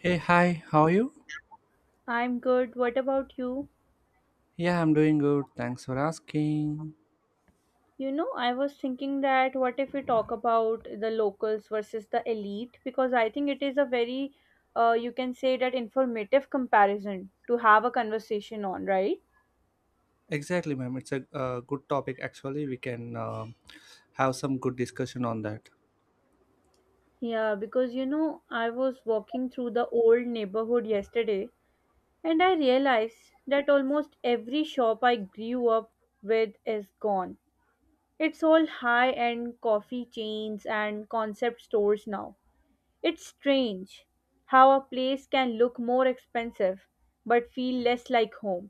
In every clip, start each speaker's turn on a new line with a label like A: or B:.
A: Hey, hi, how are you?
B: I'm good. What about you?
A: Yeah, I'm doing good. Thanks for asking.
B: You know, I was thinking that what if we talk about the locals versus the elite? Because I think it is a very, you can say that informative comparison to have a conversation on, right?
A: Exactly, ma'am. It's a good topic. Actually, we can have some good discussion on that.
B: Yeah, because you know, I was walking through the old neighborhood yesterday and I realized that almost every shop I grew up with is gone. It's all high end coffee chains and concept stores now. It's strange how a place can look more expensive but feel less like home.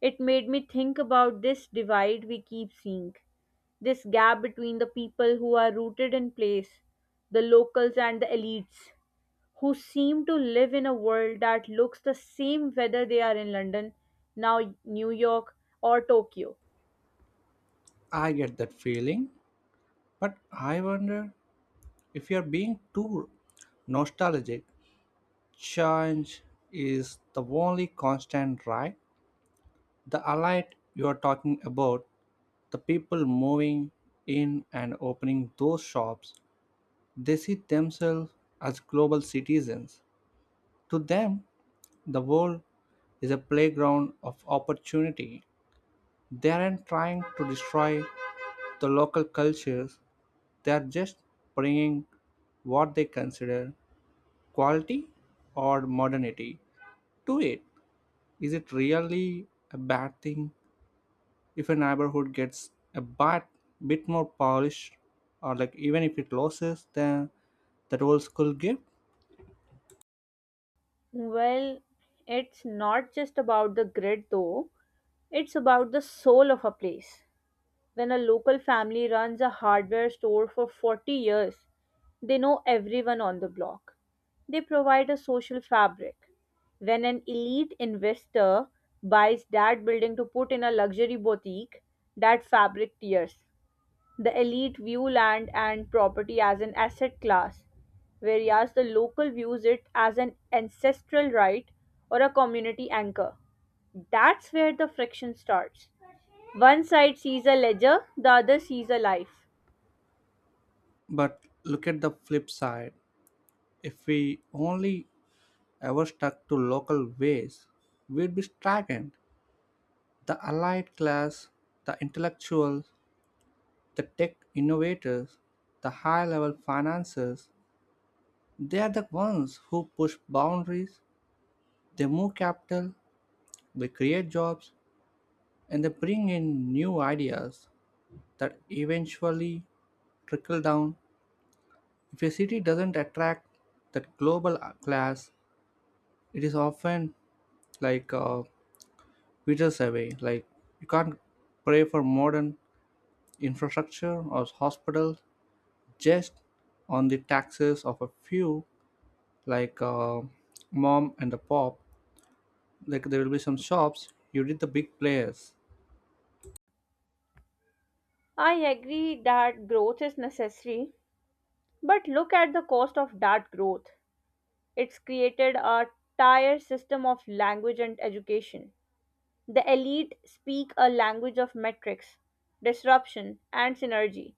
B: It made me think about this divide we keep seeing, this gap between the people who are rooted in place, the locals and the elites, who seem to live in a world that looks the same whether they are in London, now New York, or Tokyo.
A: I get that feeling, but I wonder if you're being too nostalgic. Change is the only constant, right? The allied you are talking about, the people moving in and opening those shops, they see themselves as global citizens. To them, the world is a playground of opportunity. They aren't trying to destroy the local cultures, they are just bringing what they consider quality or modernity to it. Is it really a bad thing if a neighborhood gets a bit more polished, or like even if it loses the that old school gift?
B: Well, it's not just about the grid though, it's about the soul of a place. When a local family runs a hardware store for 40 years, they know everyone on the block. They provide a social fabric. When an elite investor buys that building to put in a luxury boutique, that fabric tears. The elite view land and property as an asset class, whereas the local views it as an ancestral right or a community anchor. That's where the friction starts. One side sees a ledger, the other sees a life.
A: But look at the flip side. If we only ever stuck to local ways, we'd be stagnant. The allied class, the intellectuals, the tech innovators, the high level financiers, they are the ones who push boundaries, they move capital, they create jobs, and they bring in new ideas that eventually trickle down. If a city doesn't attract that global class, it is often like uh, meters away. Like you can't pray for modern infrastructure or hospitals just on the taxes of a few like uh, mom and the pop. Like there will be some shops. You did the big players.
B: I agree that growth is necessary, but look at the cost of that growth. It's created a tired system of language and education. The elite speak a language of metrics, disruption, and synergy.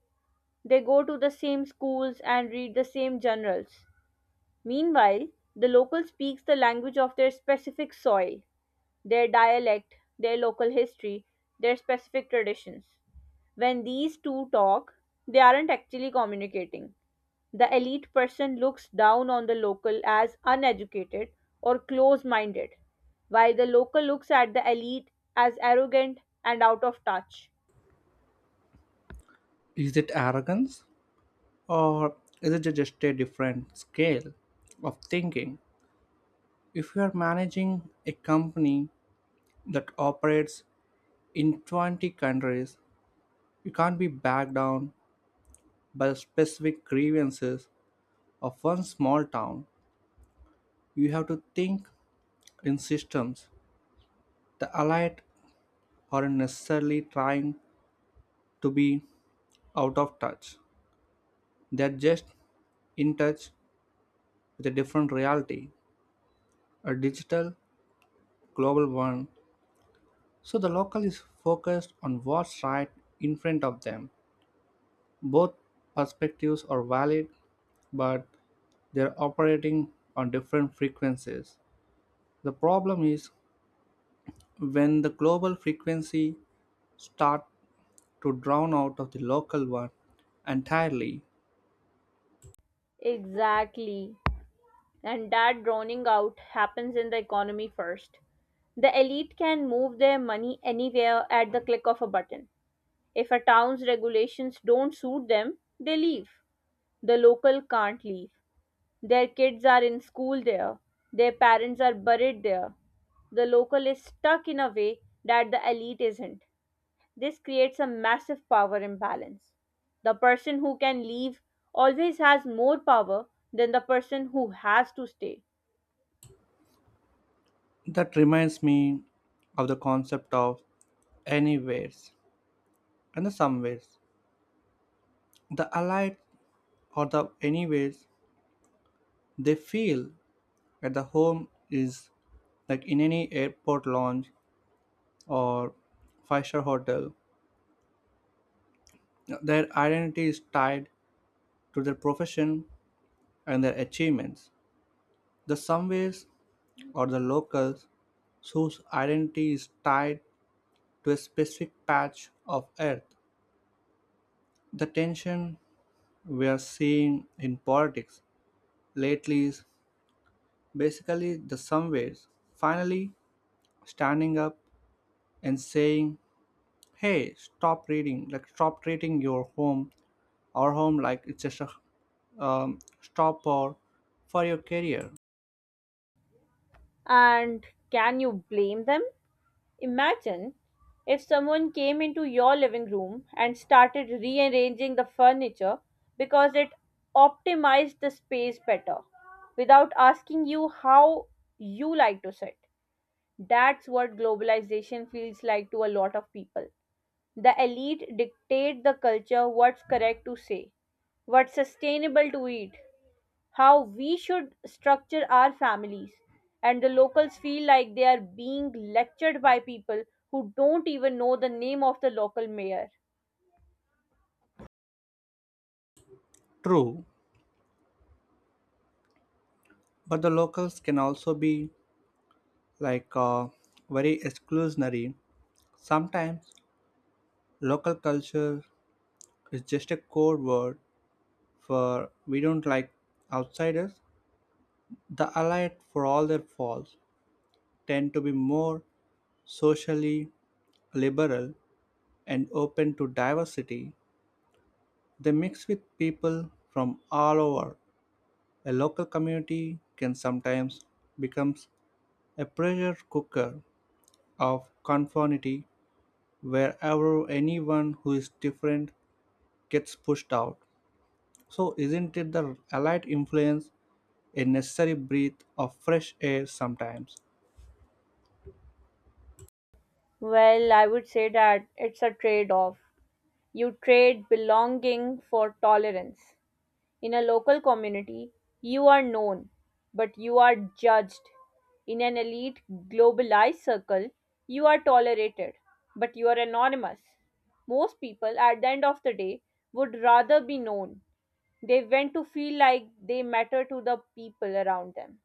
B: They go to the same schools and read the same journals. Meanwhile, the local speaks the language of their specific soil, their dialect, their local history, their specific traditions. When these two talk, they aren't actually communicating. The elite person looks down on the local as uneducated or close minded, while the local looks at the elite as arrogant and out of touch.
A: Is it arrogance or is it just a different scale of thinking? If you are managing a company that operates in 20 countries, you can't be backed down by specific grievances of one small town, you have to think in systems. The elite aren't necessarily trying to be out of touch, they're just in touch with a different reality, a digital, global one. So the local is focused on what's right in front of them. Both perspectives are valid, but they're operating on different frequencies. The problem is when the global frequency starts to drown out of the local one entirely.
B: Exactly. And that drowning out happens in the economy first. The elite can move their money anywhere at the click of a button. If a town's regulations don't suit them, they leave. The local can't leave. Their kids are in school there. Their parents are buried there. The local is stuck in a way that the elite isn't. This creates a massive power imbalance. The person who can leave always has more power than the person who has to stay.
A: That reminds me of the concept of anywheres and the somewheres. The allied or the anywheres they feel at the home is like in any airport lounge or five-star hotel. Their identity is tied to their profession and their achievements. The somewheres or the locals whose identity is tied to a specific patch of earth. The tension we are seeing in politics lately is basically the somewheres finally standing up and saying, "Hey, stop reading! Like stop treating your home, our home, like it's just a stop or for your career."
B: And can you blame them? Imagine if someone came into your living room and started rearranging the furniture because it optimized the space better without asking you how you like to sit. That's what globalization feels like to a lot of people. The elite dictate the culture, what's correct to say, what's sustainable to eat, how we should structure our families. And the locals feel like they are being lectured by people who don't even know the name of the local mayor.
A: True, but the locals can also be like uh, very exclusionary. Sometimes local culture is just a code word for we don't like outsiders. The Allied, for all their faults, tend to be more socially liberal and open to diversity. They mix with people from all over. A local community can sometimes become a pressure cooker of conformity wherever anyone who is different gets pushed out. So, isn't it the Allied influence a necessary breath of fresh air sometimes?
B: Well, I would say that it's a trade off. You trade belonging for tolerance. In a local community, you are known, but you are judged. In an elite, globalized circle, you are tolerated, but you are anonymous. Most people, at the end of the day, would rather be known. They went to feel like they matter to the people around them.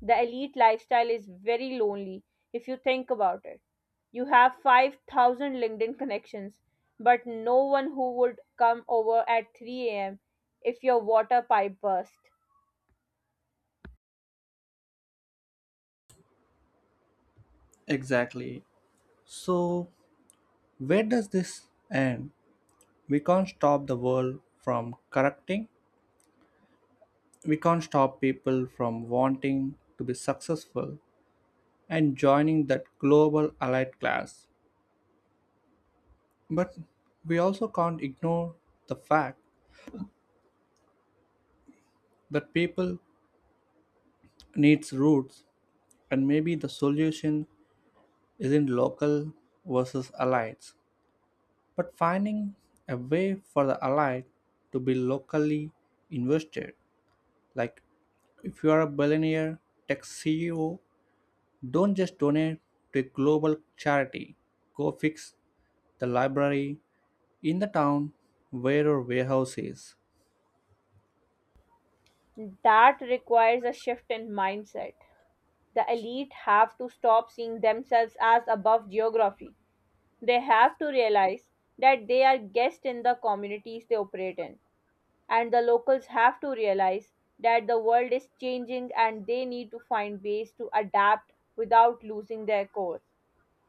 B: The elite lifestyle is very lonely if you think about it. You have 5,000 LinkedIn connections, but no one who would come over at 3 a.m. if your water pipe burst.
A: Exactly. So, where does this end? We can't stop the world from correcting. We can't stop people from wanting to be successful and joining that global allied class. But we also can't ignore the fact that people needs roots and maybe the solution isn't local versus allies, but finding a way for the allied to be locally invested. Like, if you are a billionaire tech CEO, don't just donate to a global charity. Go fix the library in the town where your warehouse is.
B: That requires a shift in mindset. The elite have to stop seeing themselves as above geography. They have to realize that they are guests in the communities they operate in. And the locals have to realize that the world is changing and they need to find ways to adapt without losing their core.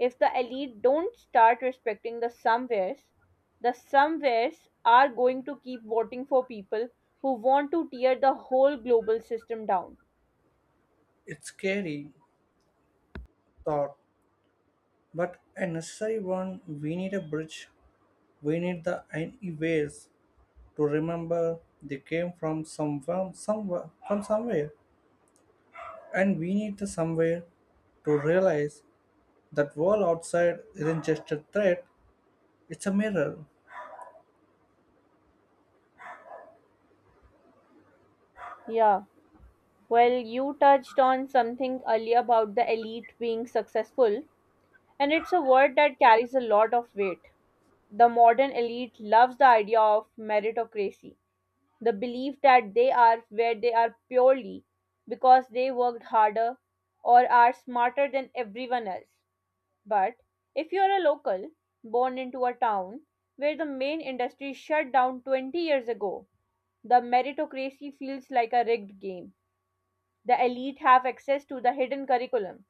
B: If the elite don't start respecting the somewheres are going to keep voting for people who want to tear the whole global system down.
A: It's scary thought, but a necessary one. We need a bridge. We need the any ways to remember they came from somewhere, and we need the somewhere to realize that world outside isn't just a threat; it's a mirror.
B: Yeah. Well, you touched on something earlier about the elite being successful, and it's a word that carries a lot of weight. The modern elite loves the idea of meritocracy, the belief that they are where they are purely because they worked harder or are smarter than everyone else. But if you are a local born into a town where the main industry shut down 20 years ago, the meritocracy feels like a rigged game. The elite have access to the hidden curriculum,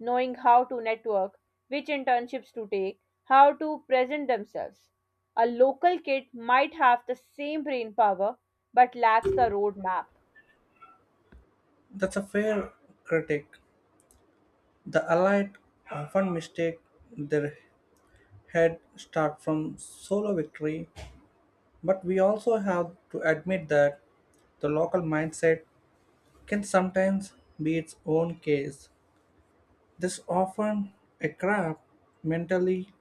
B: knowing how to network, which internships to take, how to present themselves. A local kid might have the same brain power but lacks the roadmap.
A: That's a fair critic. The Allied often mistake their head start from solo victory, but we also have to admit that the local mindset can sometimes be its own case. This often a craft mentally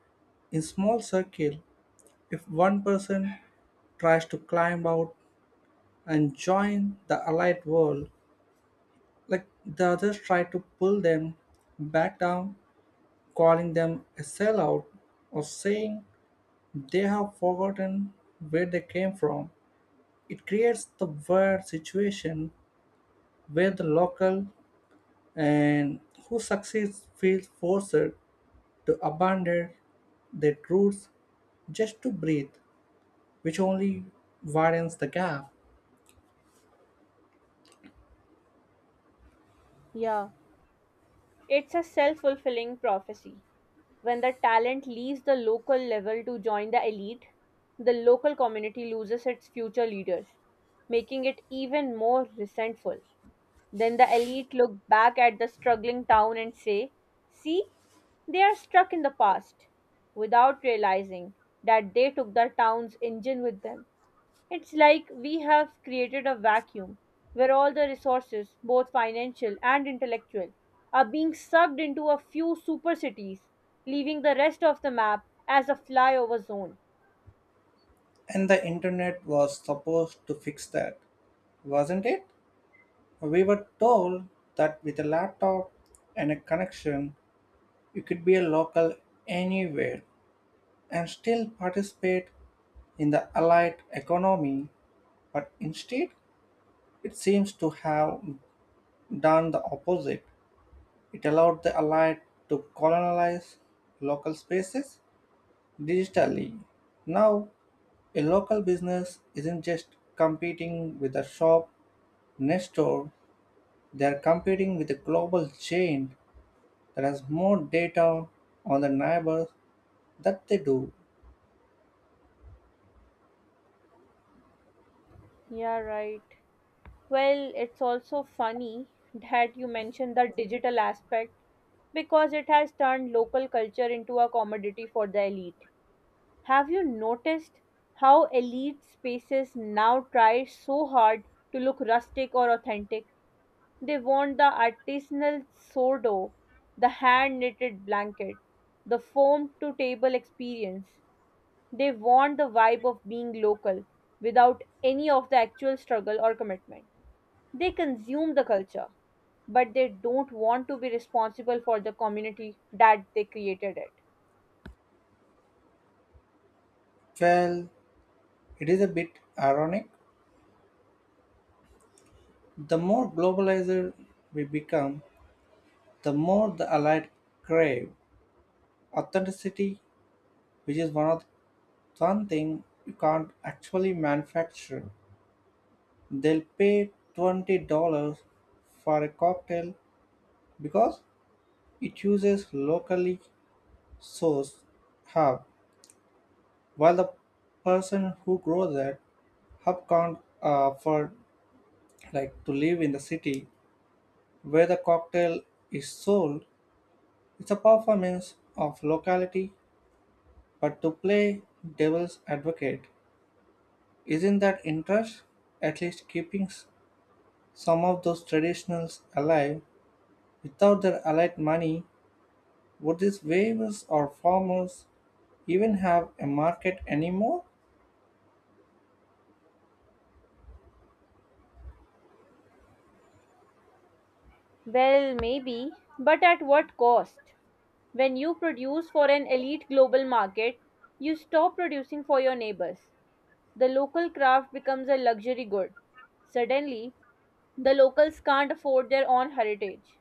A: in small circle. If one person tries to climb out and join the allied world, like the others try to pull them back down calling them a sellout or saying they have forgotten where they came from. It creates the weird situation where the local and who succeeds feels forced to abandon their roots just to breathe, which only widens the gap.
B: Yeah, it's a self fulfilling prophecy. When the talent leaves the local level to join the elite, the local community loses its future leaders, making it even more resentful. Then the elite look back at the struggling town and say, "See, they are stuck in the past," without realizing that they took the town's engine with them. It's like we have created a vacuum where all the resources, both financial and intellectual, are being sucked into a few super cities, leaving the rest of the map as a flyover zone.
A: And the internet was supposed to fix that, wasn't it? We were told that with a laptop and a connection, you could be a local anywhere and still participate in the allied economy, but instead, it seems to have done the opposite. It allowed the allied to colonize local spaces digitally. Now, a local business isn't just competing with a shop next door, they are competing with a global chain that has more data on the neighbors that they do.
B: Yeah, right. Well, it's also funny that you mentioned the digital aspect because it has turned local culture into a commodity for the elite. Have you noticed how elite spaces now try so hard to look rustic or authentic? They want the artisanal sourdough, the hand knitted blanket, the foam to table experience. They want the vibe of being local without any of the actual struggle or commitment. They consume the culture, but they don't want to be responsible for the community that they created it.
A: Well, it is a bit ironic. The more globalized we become, the more the allied crave authenticity, which is one thing you can't actually manufacture. They'll pay $20 for a cocktail because it uses locally sourced herb, while the person who grows that herb can't afford like to live in the city where the cocktail is sold. It's a performance of locality, but to play devil's advocate, isn't that interest at least keeping some of those traditionals alive? Without their allied money, would these waivers or farmers even have a market anymore?
B: Well, maybe, but at what cost? When you produce for an elite global market, you stop producing for your neighbors. The local craft becomes a luxury good. Suddenly, the locals can't afford their own heritage.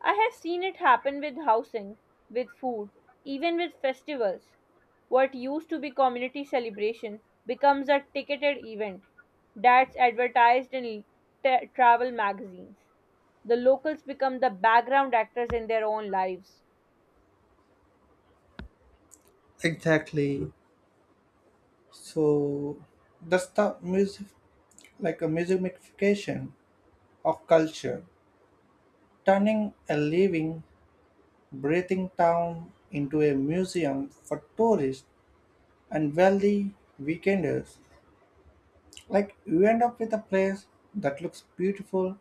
B: I have seen it happen with housing, with food, even with festivals. What used to be community celebration becomes a ticketed event that's advertised in travel magazines. The locals become the background actors in their own lives.
A: Exactly. So that's the music, like a musicification of culture, turning a living, breathing town into a museum for tourists and wealthy weekenders. Like you end up with a place that looks beautiful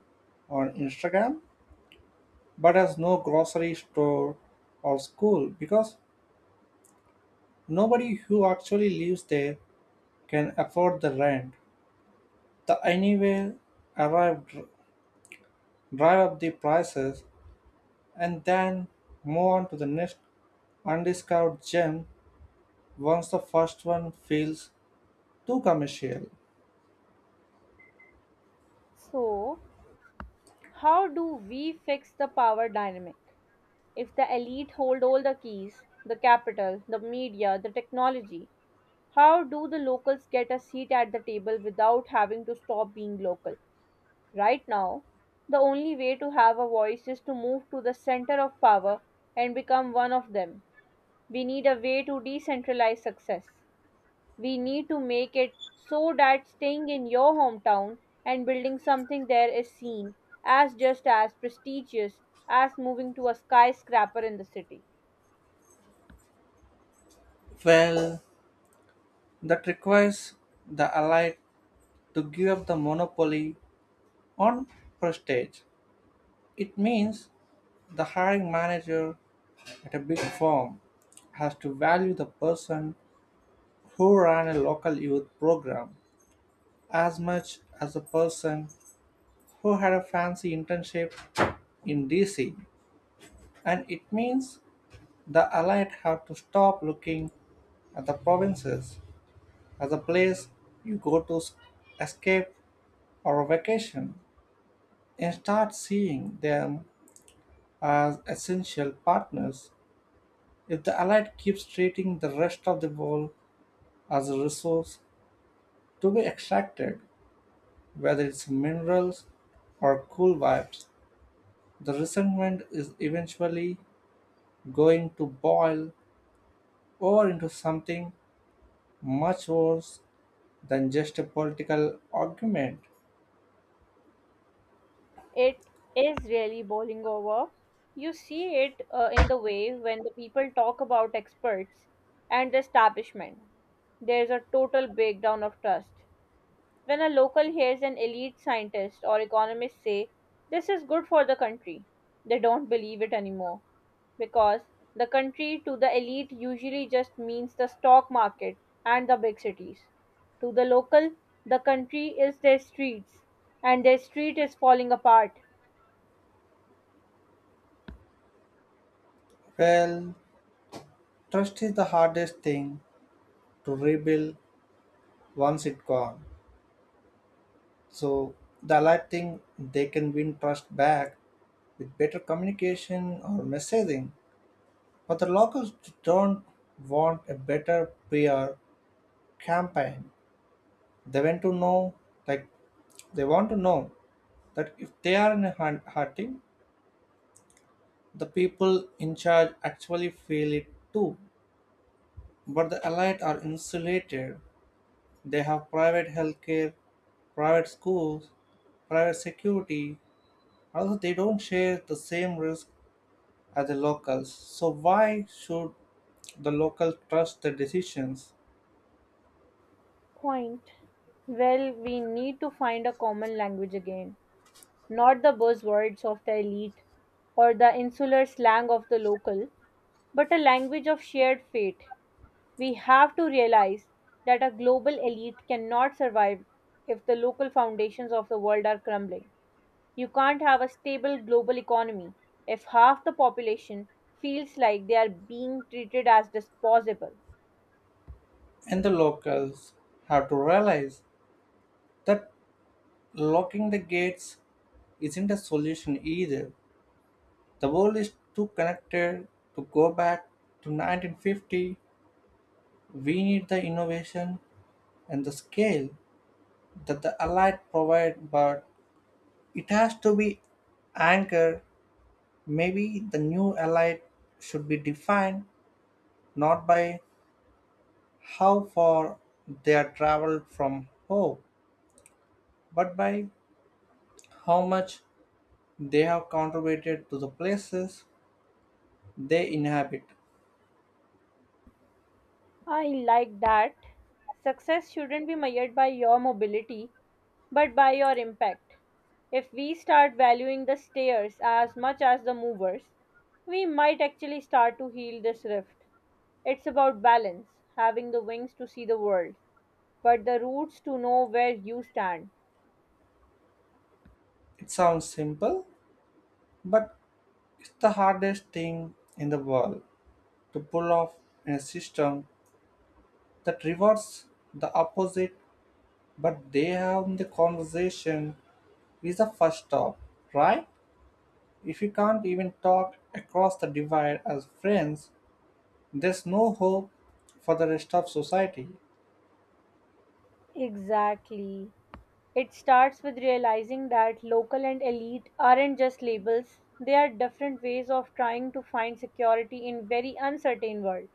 A: on Instagram but has no grocery store or school because nobody who actually lives there can afford the rent. The anywhere arrive dr- drive up the prices and then move on to the next undiscovered gem once the first one feels too commercial.
B: So, how do we fix the power dynamic? If the elite hold all the keys, the capital, the media, the technology, how do the locals get a seat at the table without having to stop being local? Right now, the only way to have a voice is to move to the center of power and become one of them. We need a way to decentralize success. We need to make it so that staying in your hometown and building something there is seen as just as prestigious as moving to a skyscraper in the city.
A: Well, that requires the allied to give up the monopoly on prestige. It means the hiring manager at a big firm has to value the person who ran a local youth program as much as the person who had a fancy internship in DC. And it means the elite have to stop looking at the provinces as a place you go to escape or a vacation and start seeing them as essential partners if the Allied keeps treating the rest of the world as a resource to be extracted, whether it's minerals or cool vibes. The resentment is eventually going to boil over into something much worse than just a political argument.
B: It is really boiling over. You see it in the way when the people talk about experts and the establishment. There's a total breakdown of trust. When a local hears an elite scientist or economist say, "This is good for the country," they don't believe it anymore because the country to the elite usually just means the stock market and the big cities. To the local, the country is their streets, and their street is falling apart.
A: Well, trust is the hardest thing to rebuild once it's gone. So the Allied think they can win trust back with better communication or messaging, but the locals don't want a better PR campaign. They want to know, like, they want to know that if they are in a hurting, the people in charge actually feel it too. But the elite are insulated. They have private healthcare, private schools, private security. Also, they don't share the same risk as the locals. So why should the locals trust the decisions?
B: Point. Well, we need to find a common language again. Not the buzzwords of the elite or the insular slang of the local, but a language of shared fate. We have to realize that a global elite cannot survive if the local foundations of the world are crumbling. You can't have a stable global economy if half the population feels like they are being treated as disposable.
A: And the locals have to realize that locking the gates isn't a solution either. The world is too connected to go back to 1950. We need the innovation and the scale that the Allied provide, but it has to be anchored. Maybe the new Allied should be defined not by how far they are traveled from hope, but by how much they have contributed to the places they inhabit.
B: I like that. Success shouldn't be measured by your mobility, but by your impact. If we start valuing the stairs as much as the movers, we might actually start to heal this rift. It's about balance, having the wings to see the world, but the roots to know where you stand.
A: It sounds simple, but it's the hardest thing in the world to pull off in a system that rewards the opposite, but they have the conversation is the first stop, right? If you can't even talk across the divide as friends, there's no hope for the rest of society.
B: Exactly. It starts with realizing that local and elite aren't just labels, they are different ways of trying to find security in very uncertain world.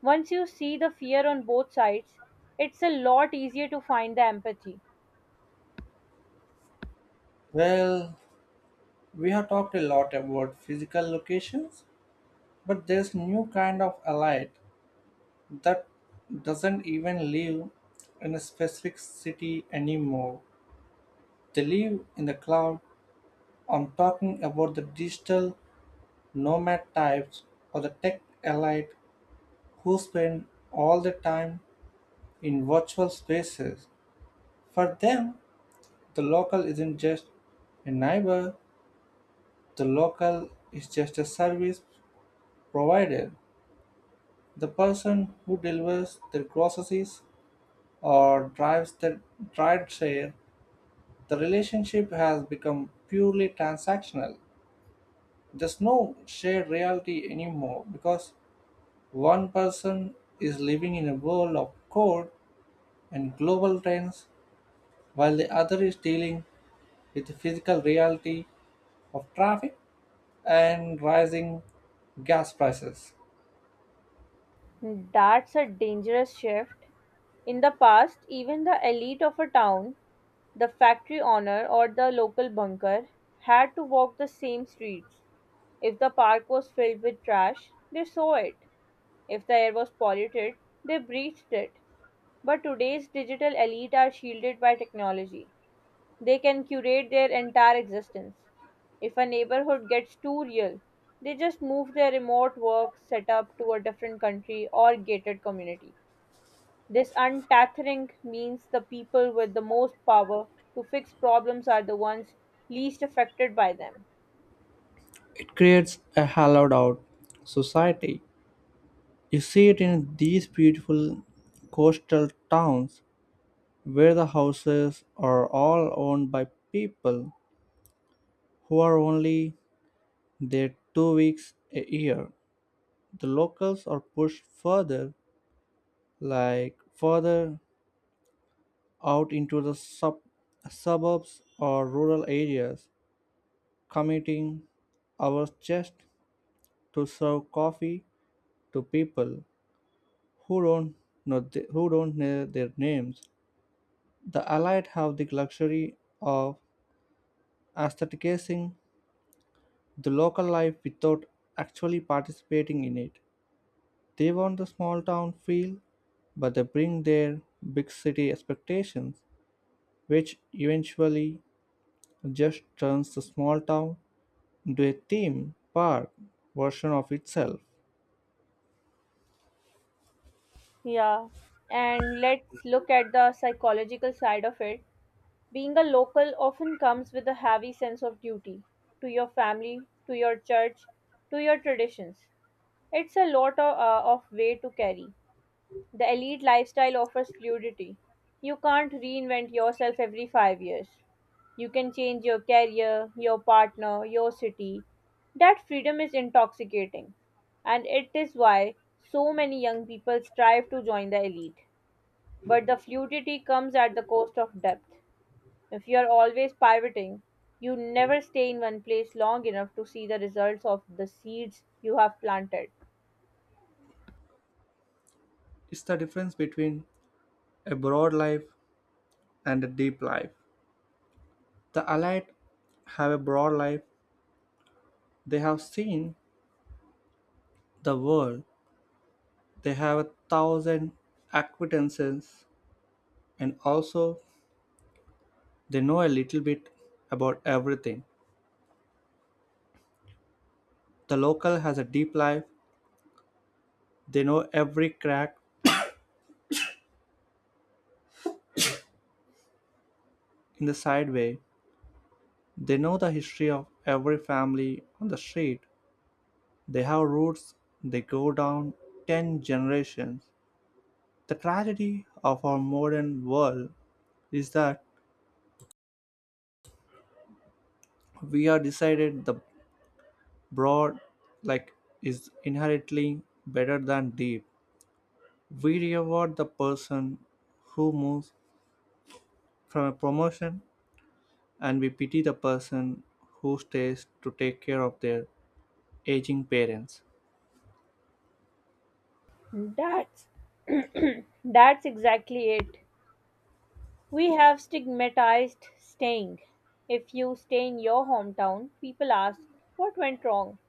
B: Once you see the fear on both sides, it's a lot easier to find the empathy.
A: Well, we have talked a lot about physical locations, but there's new kind of elite that doesn't even live in a specific city anymore. They live in the cloud. I'm talking about the digital nomad types or the tech elite who spend all their time in virtual spaces. For them, the local isn't just a neighbor, the local is just a service provider. The person who delivers their groceries or drives the trade share, the relationship has become purely transactional. There's no shared reality anymore because one person is living in a world of code and global trends while the other is dealing with the physical reality of traffic and rising gas prices.
B: That's a dangerous shift. In the past, even the elite of a town, the factory owner, or the local bunker had to walk the same streets. If the park was filled with trash, they saw it. If the air was polluted, they breathed it. But today's digital elite are shielded by technology. They can curate their entire existence. If a neighborhood gets too real, they just move their remote work setup to a different country or gated community. This untathering means the people with the most power to fix problems are the ones least affected by them.
A: It creates a hollowed out society. You see it in these beautiful coastal towns where the houses are all owned by people who are only there 2 weeks a year. The locals are pushed further, like further out into the suburbs or rural areas, committing our just to serve coffee to people who don't who don't know their names. The allied have the luxury of aestheticizing the local life without actually participating in it. They want the small town feel, but they bring their big city expectations, which eventually just turns the small town into a theme park version of itself.
B: Yeah, and let's look at the psychological side of it. Being a local often comes with a heavy sense of duty to your family, to your church, to your traditions. It's a lot of weight to carry. The elite lifestyle offers fluidity. You can't reinvent yourself every 5 years. You can change your career, your partner, your city. That freedom is intoxicating. And it is why so many young people strive to join the elite. But the fluidity comes at the cost of depth. If you are always pivoting, you never stay in one place long enough to see the results of the seeds you have planted.
A: It's the difference between a broad life and a deep life. The Allied have a broad life, they have seen the world, they have a thousand acquaintances and also they know a little bit about everything. The local has a deep life. They know every crack in the sideway. They know the history of every family on the street. They have roots. They go down 10 generations. The tragedy of our modern world is that we are decided the broad like is inherently better than deep. We reward the person who moves from a promotion and we pity the person who stays to take care of their aging parents.
B: That's that's exactly it. We have stigmatized staying. If you stay in your hometown, people ask, "What went wrong?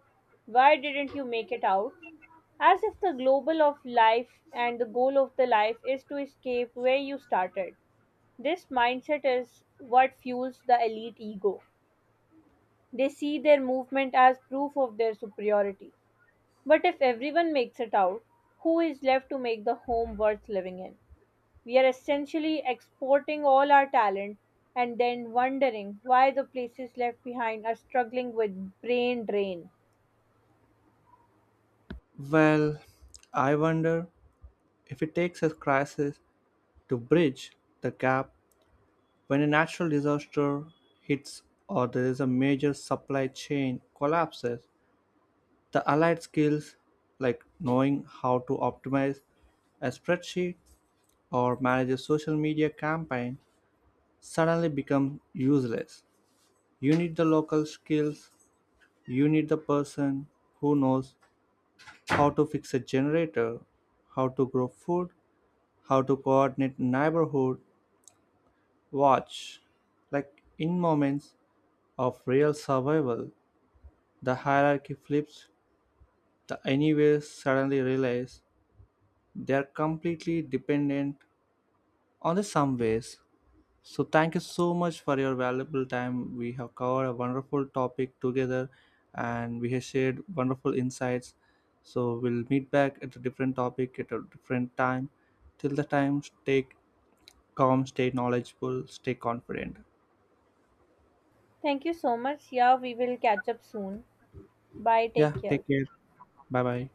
B: Why didn't you make it out?" As if the global of life and the goal of the life is to escape where you started. This mindset is what fuels the elite ego. They see their movement as proof of their superiority. But if everyone makes it out, who is left to make the home worth living in? We are essentially exporting all our talent and then wondering why the places left behind are struggling with brain drain.
A: Well, I wonder if it takes a crisis to bridge the gap when a natural disaster hits or there is a major supply chain collapses. The allied skills like knowing how to optimize a spreadsheet or manage a social media campaign suddenly become useless. You need the local skills. You need the person who knows how to fix a generator, how to grow food, how to coordinate neighborhood watch. Like in moments of real survival, the hierarchy flips. The anyways suddenly realize they are completely dependent on the someways. So, thank you so much for your valuable time. We have covered a wonderful topic together and we have shared wonderful insights. So, we'll meet back at a different topic at a different time. Till the time, stay calm, stay knowledgeable, stay confident.
B: Thank you so much. Yeah, we will catch up soon. Bye.
A: Yeah,
B: Take
A: take
B: care.
A: care. Bye bye.